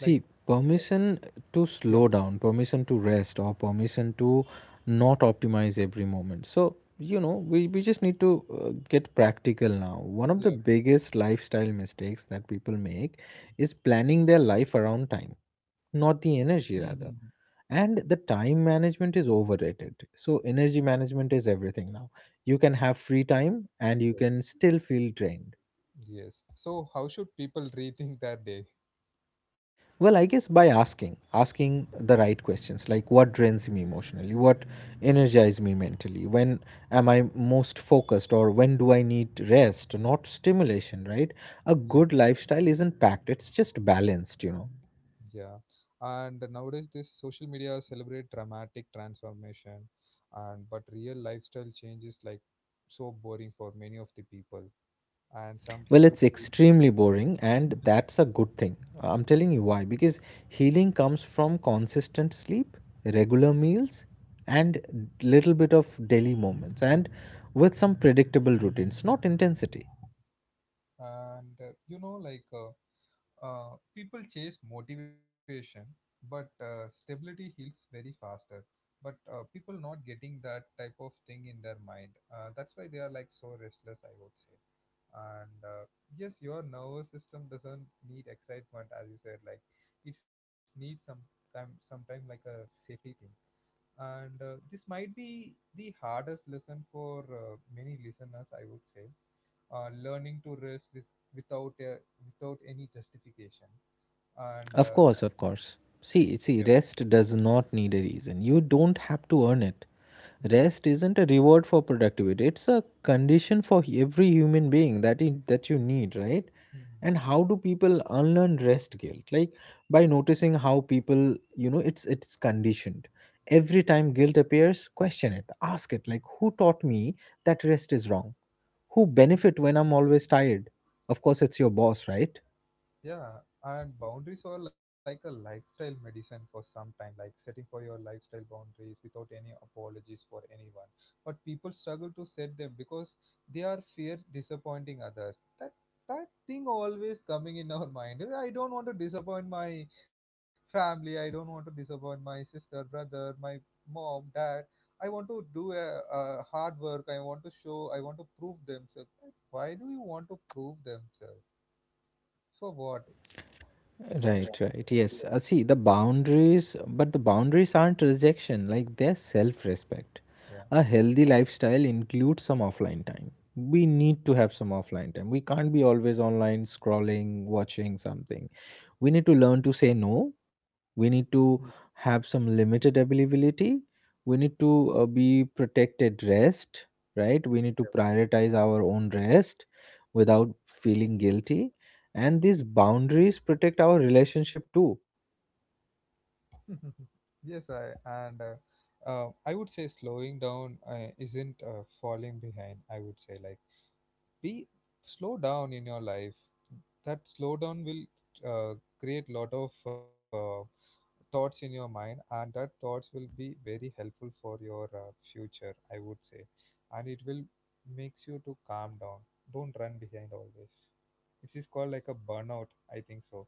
like uh, permission yep. to slow down, permission to rest, or permission to not optimize every moment. So, we just need to get practical now. One of the Yep. biggest lifestyle mistakes that people make is planning their life around time, not the Hmm. energy, rather. And the time management is overrated. So, energy management is everything now. You can have free time and you can Yes. still feel drained. Yes. So how should people rethink their day? Well, I guess by asking, the right questions like what drains me emotionally, what energizes me mentally, when am I most focused, or when do I need rest, not stimulation, right? A Yep. good lifestyle isn't packed, it's just balanced. Yeah. And nowadays this social media celebrate dramatic transformation, and but real lifestyle change is like so boring for many of the people. And some Well, people, it's extremely boring, and that's a good thing. I'm telling you why because healing comes from consistent sleep, regular meals, and little bit of daily moments, and with some predictable routines, not intensity. and you know, like, people chase motivation, but stability heals very faster. But people not getting that type of thing in their mind. That's why they are like so restless, I would say. And yes, your nervous system doesn't need excitement, as you said. Like, it needs some time, sometime, like a safety thing. And this might be the hardest lesson for many listeners, I would say. Learning to risk with, without without any justification. And Of course, of course. yeah. See, rest does not need a reason. You don't have to earn it. Mhm. Rest isn't a reward for productivity. It's a condition for every human being that you need, right? Mhm. And how do people unlearn rest guilt? Like, by noticing how people, it's conditioned. Every time guilt appears, question it. Ask it Mhm. like, who taught me that rest is wrong? Who benefit when I'm always tired? Of course it's your boss, right? Yeah, and boundaries are like a lifestyle medicine for some time, like setting for your lifestyle boundaries without any apologies for anyone. But people struggle to set them because they are fear disappointing others. That thing always coming in our mind. I don't want to disappoint my family. I don't want to disappoint my sister, brother, my mom, dad. I want to do a hard work. I want to show. I want to prove themselves. Why do you want to prove themselves? For what? Right, right. Yes. See, the boundaries aren't rejection, like they're self respect. Yeah. A healthy lifestyle includes some offline time. We need to have some offline time. We can't be always online, scrolling, watching something. We need to learn to say no. We Mm. need to have some limited availability. We need to be protected rest, right? We need to prioritize our own rest without feeling guilty. And these boundaries protect our relationship too. Yeah. Yes, I would say slowing down isn't falling behind. I would say like be slow down in your life. That slow down will uh, create lot of thoughts in your mind, and that thoughts will be very helpful for your future, I would say, and it will makes you to calm down. Don't run behind always. This is called like a burnout, I think so.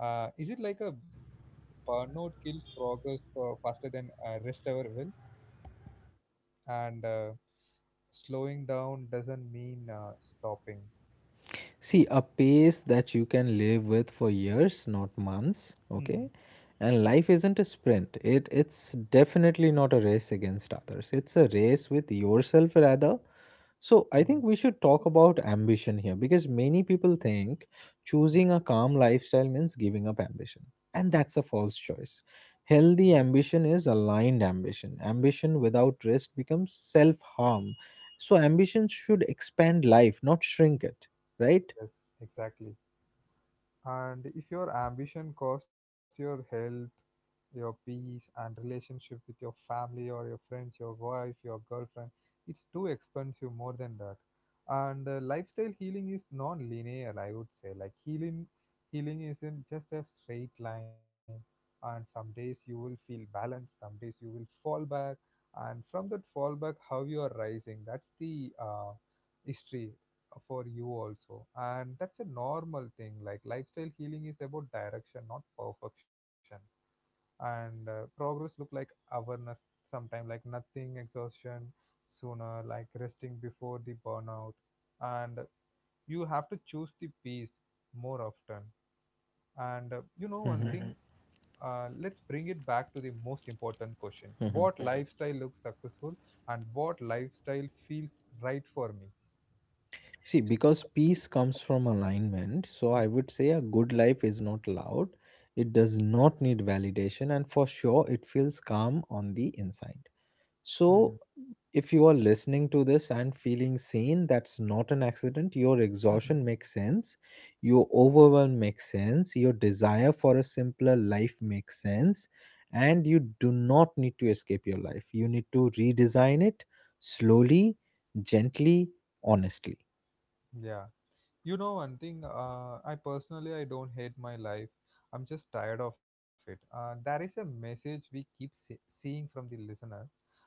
Is it like a burnout kills progress faster than rest ever will? And slowing down doesn't mean stopping. See, a pace that you can live with for years, not months. Hmm. Okay, and life isn't a sprint. It's definitely not a race against others. It's a race with yourself rather. So I Hmm. think we should talk about ambition here because many people think choosing a calm lifestyle means giving up ambition. And that's a false choice. Yep. Healthy ambition is aligned ambition. Ambition without risk becomes self harm. So ambition should expand life, not shrink it, right? Yes, exactly. And if your ambition costs your health, your peace, and relationship with your family or your friends, your wife, your girlfriend, it's too expensive more than that. And lifestyle healing is non linear, I would say. Like healing isn't just a straight line. And some days you will feel balanced, some days you will fall back. And from that fallback, how you are rising, that's the history for you also, and that's a normal thing. Like lifestyle healing is about direction not perfection. And progress look like awareness, sometime like nothing exhaustion, sooner like resting before the burnout. And you have to choose the peace more often. And you know one thing. Mm-hmm. Let's bring it back to the most important question: what lifestyle looks successful, and what lifestyle feels right for me? See, because peace comes from alignment, so I would say a good life is not loud, it does not need validation, and for sure it feels calm on the inside. Hmm. So, if you are listening to this and feeling seen, that's not an accident. Your Hmm. exhaustion makes sense. Your overwhelm makes sense. Your desire for a simpler life makes sense. And you do not need to escape your life. You need to redesign it slowly, gently, honestly. Yeah. You know one thing, I personally I don't hate my life. I'm just tired of it. That is a message we keep seeing from the listener.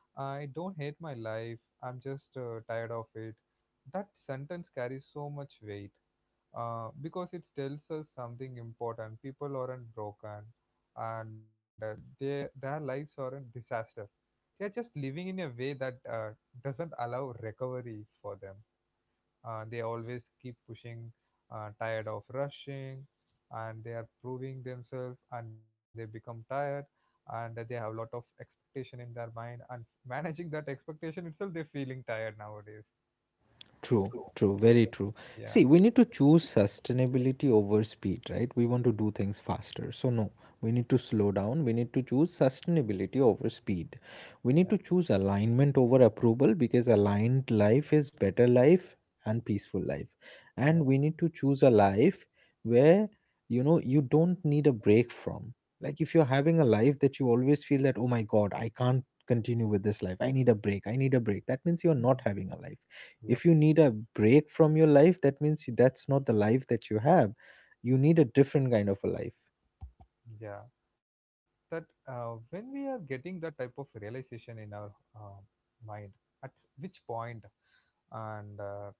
I don't hate my life. I'm just tired of it. That sentence carries so much weight because it tells us something important. People aren't broken, and their lives aren't disaster. They are just living in a way that doesn't allow recovery for them. They always keep pushing, tired of rushing, and they are proving themselves, and they become tired, and they have a lot of expectation in their mind, and managing that expectation itself, they're feeling tired nowadays. True, true, very true. Yeah, See, we need to choose sustainability over speed, right? We want to do things faster. So, no, we need to slow down. We need to choose sustainability over speed. We yeah, need to choose alignment over approval because aligned life is better life and peaceful life. yeah. And we need to choose a life where, you don't need a break from. Like, if you're having a life that you always feel that, oh my God, I can't continue with this life, I need a break, I need a break, that means you're not Mhm. having a life. If Yep. you need a break from your life, that means that's not the life that you have. You need a different kind of a life. Yeah. That when we are getting that type of realization in our uh, mind, at which point, and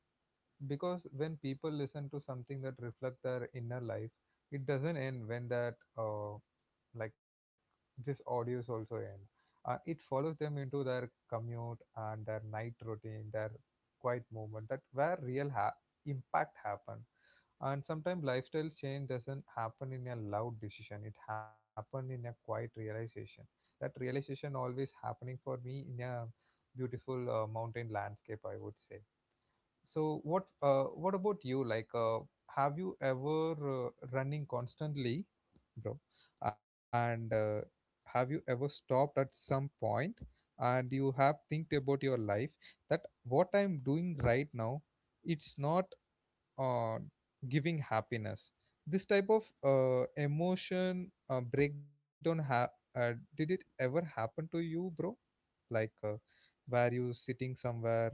because when people listen to something that reflect their inner life, it doesn't end when that like this audios also end. It follows them into their commute and their night routine, their quiet moment, that where real impact happen. And sometimes lifestyle change doesn't happen in a loud decision, it happen in a quiet realization. That realization always happening for me in a beautiful mountain landscape, I would say. So what, what about you? Like, have you ever running constantly, bro? And have you ever stopped at some point and you have think about your life that what I'm doing right now, it's not uh, giving happiness. This type of emotion breakdown uh, did it ever happen to you, bro? Like, were you sitting somewhere?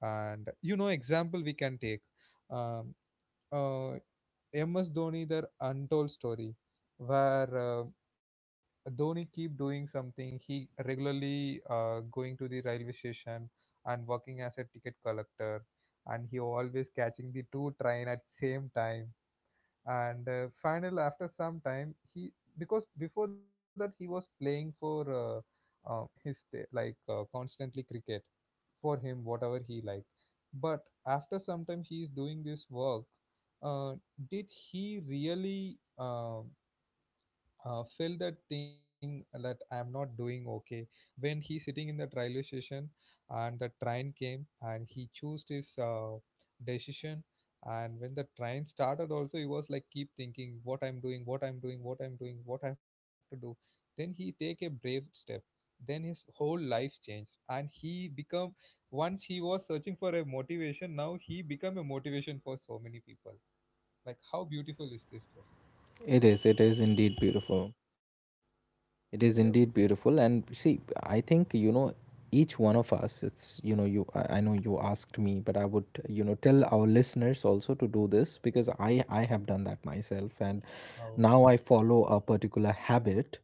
And you know example we can take um, uh, MS Dhoni their untold story where Dhoni keep doing something. He regularly going to the railway station and working as a ticket collector, and he always catching the two train at same time. And final after some time he, because before that he was playing for his t- like constantly cricket, for him whatever he liked. But after some time he is doing this work, uh, did he really feel that thing that I'm not doing okay? When he sitting in the railway station and the train came and he chose his decision, and when the train started also, he was like keep thinking, what I'm doing, what I'm doing, what I'm doing, what I have to do. Then he take a brave step. Then his whole life changed and he become. Once he was searching for a motivation, now he become a motivation for so many people. Like how beautiful is this, bro? It is indeed beautiful. Yep. It is indeed beautiful. And see, I think, each one of us, it's, you, I know you asked me, but I would, tell our listeners also to do this because I have done that myself. And How now I follow a particular habit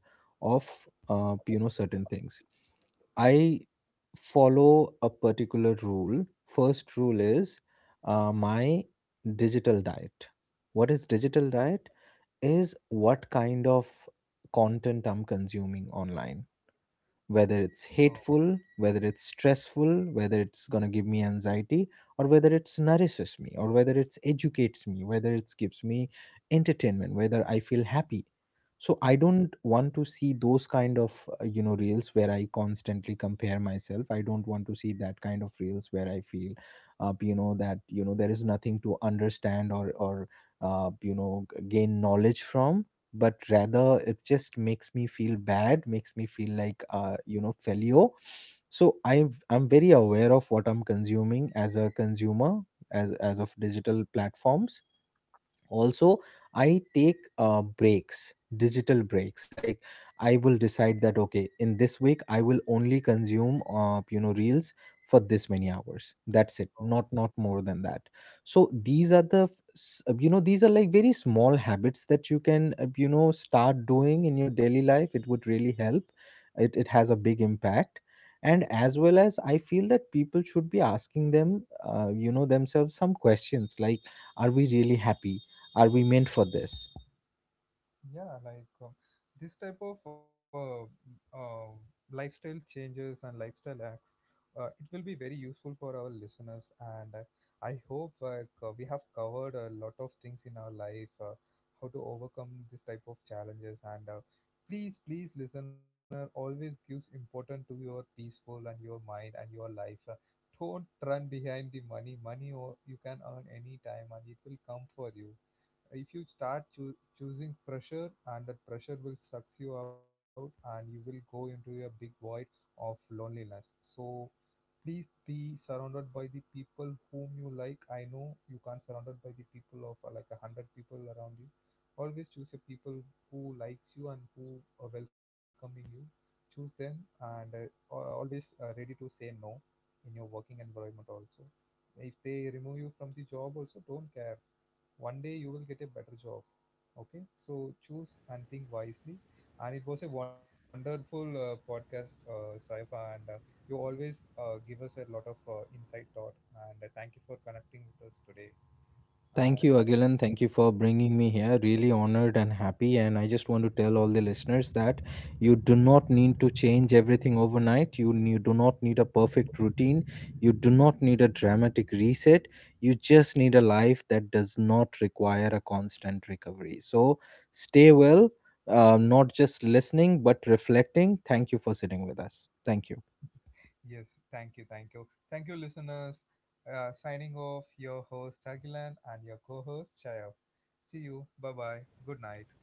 of certain things. I follow a particular rule. First rule is my digital diet. What is digital diet? Is what kind of content I'm consuming online, whether it's wonderful. hateful, whether it's stressful, whether it's going to give me anxiety, or whether it's nourishes me, or whether it's educates me, whether it gives me entertainment, whether I feel happy. So I How. don't want to see those kind of reels where I constantly compare myself. I don't want to see that kind of reels where I feel, that there is nothing to understand or gain knowledge from, but rather it just makes me feel bad, makes me feel like failure. So I'm very aware of what I'm consuming as a consumer, as of digital platforms also. I take breaks, digital breaks. Like, I will decide that okay, in this week I will only consume reels for this many hours, that's it, Oh, not more than that. So these are the these are like very small habits that you can start doing in your daily life, it would really help. It has a big impact. And as well as I feel that people should be asking themselves some questions like, are we really happy? Are we meant for this? yeah, like this type of uh, lifestyle changes and lifestyle acts, it will be very useful for our listeners. And I hope like we have covered a lot of things in our life, how to overcome this type of challenges. And please, please, listener, always gives important to your peaceful and your mind and your life. Don't run behind the money. Money or you can earn any time, and it will come for you if you start choosing pressure, and that pressure will sucks you out and you will go into a big void of loneliness. So please be surrounded by the people whom you like. I know you can't surrounded by the people of like a hundred people around you. Always choose a people who likes you and who are welcoming you. Choose them. And always ready to say no in your working environment also. If they remove you from the job also, don't care, one day you will get a better job. Okay, so choose and think wisely. And it was a wonderful podcast, Saif, and you always give us a lot of insight thought. And thank you for connecting with us today and Thank you, thank Agilan. Thank you for bringing me here. Really honored and happy. And I just want to tell all the listeners that you do not need to change everything overnight. You do not need a perfect routine. You do not need a dramatic reset. You just need a life that does not require a constant recovery. So stay well, not just listening, but reflecting. Thank you for sitting with us. Thank you. you. Yes, thank you, thank you, thank you listeners. Signing off, your host Agilan and your co-host Chayaf. See you, bye bye, good night.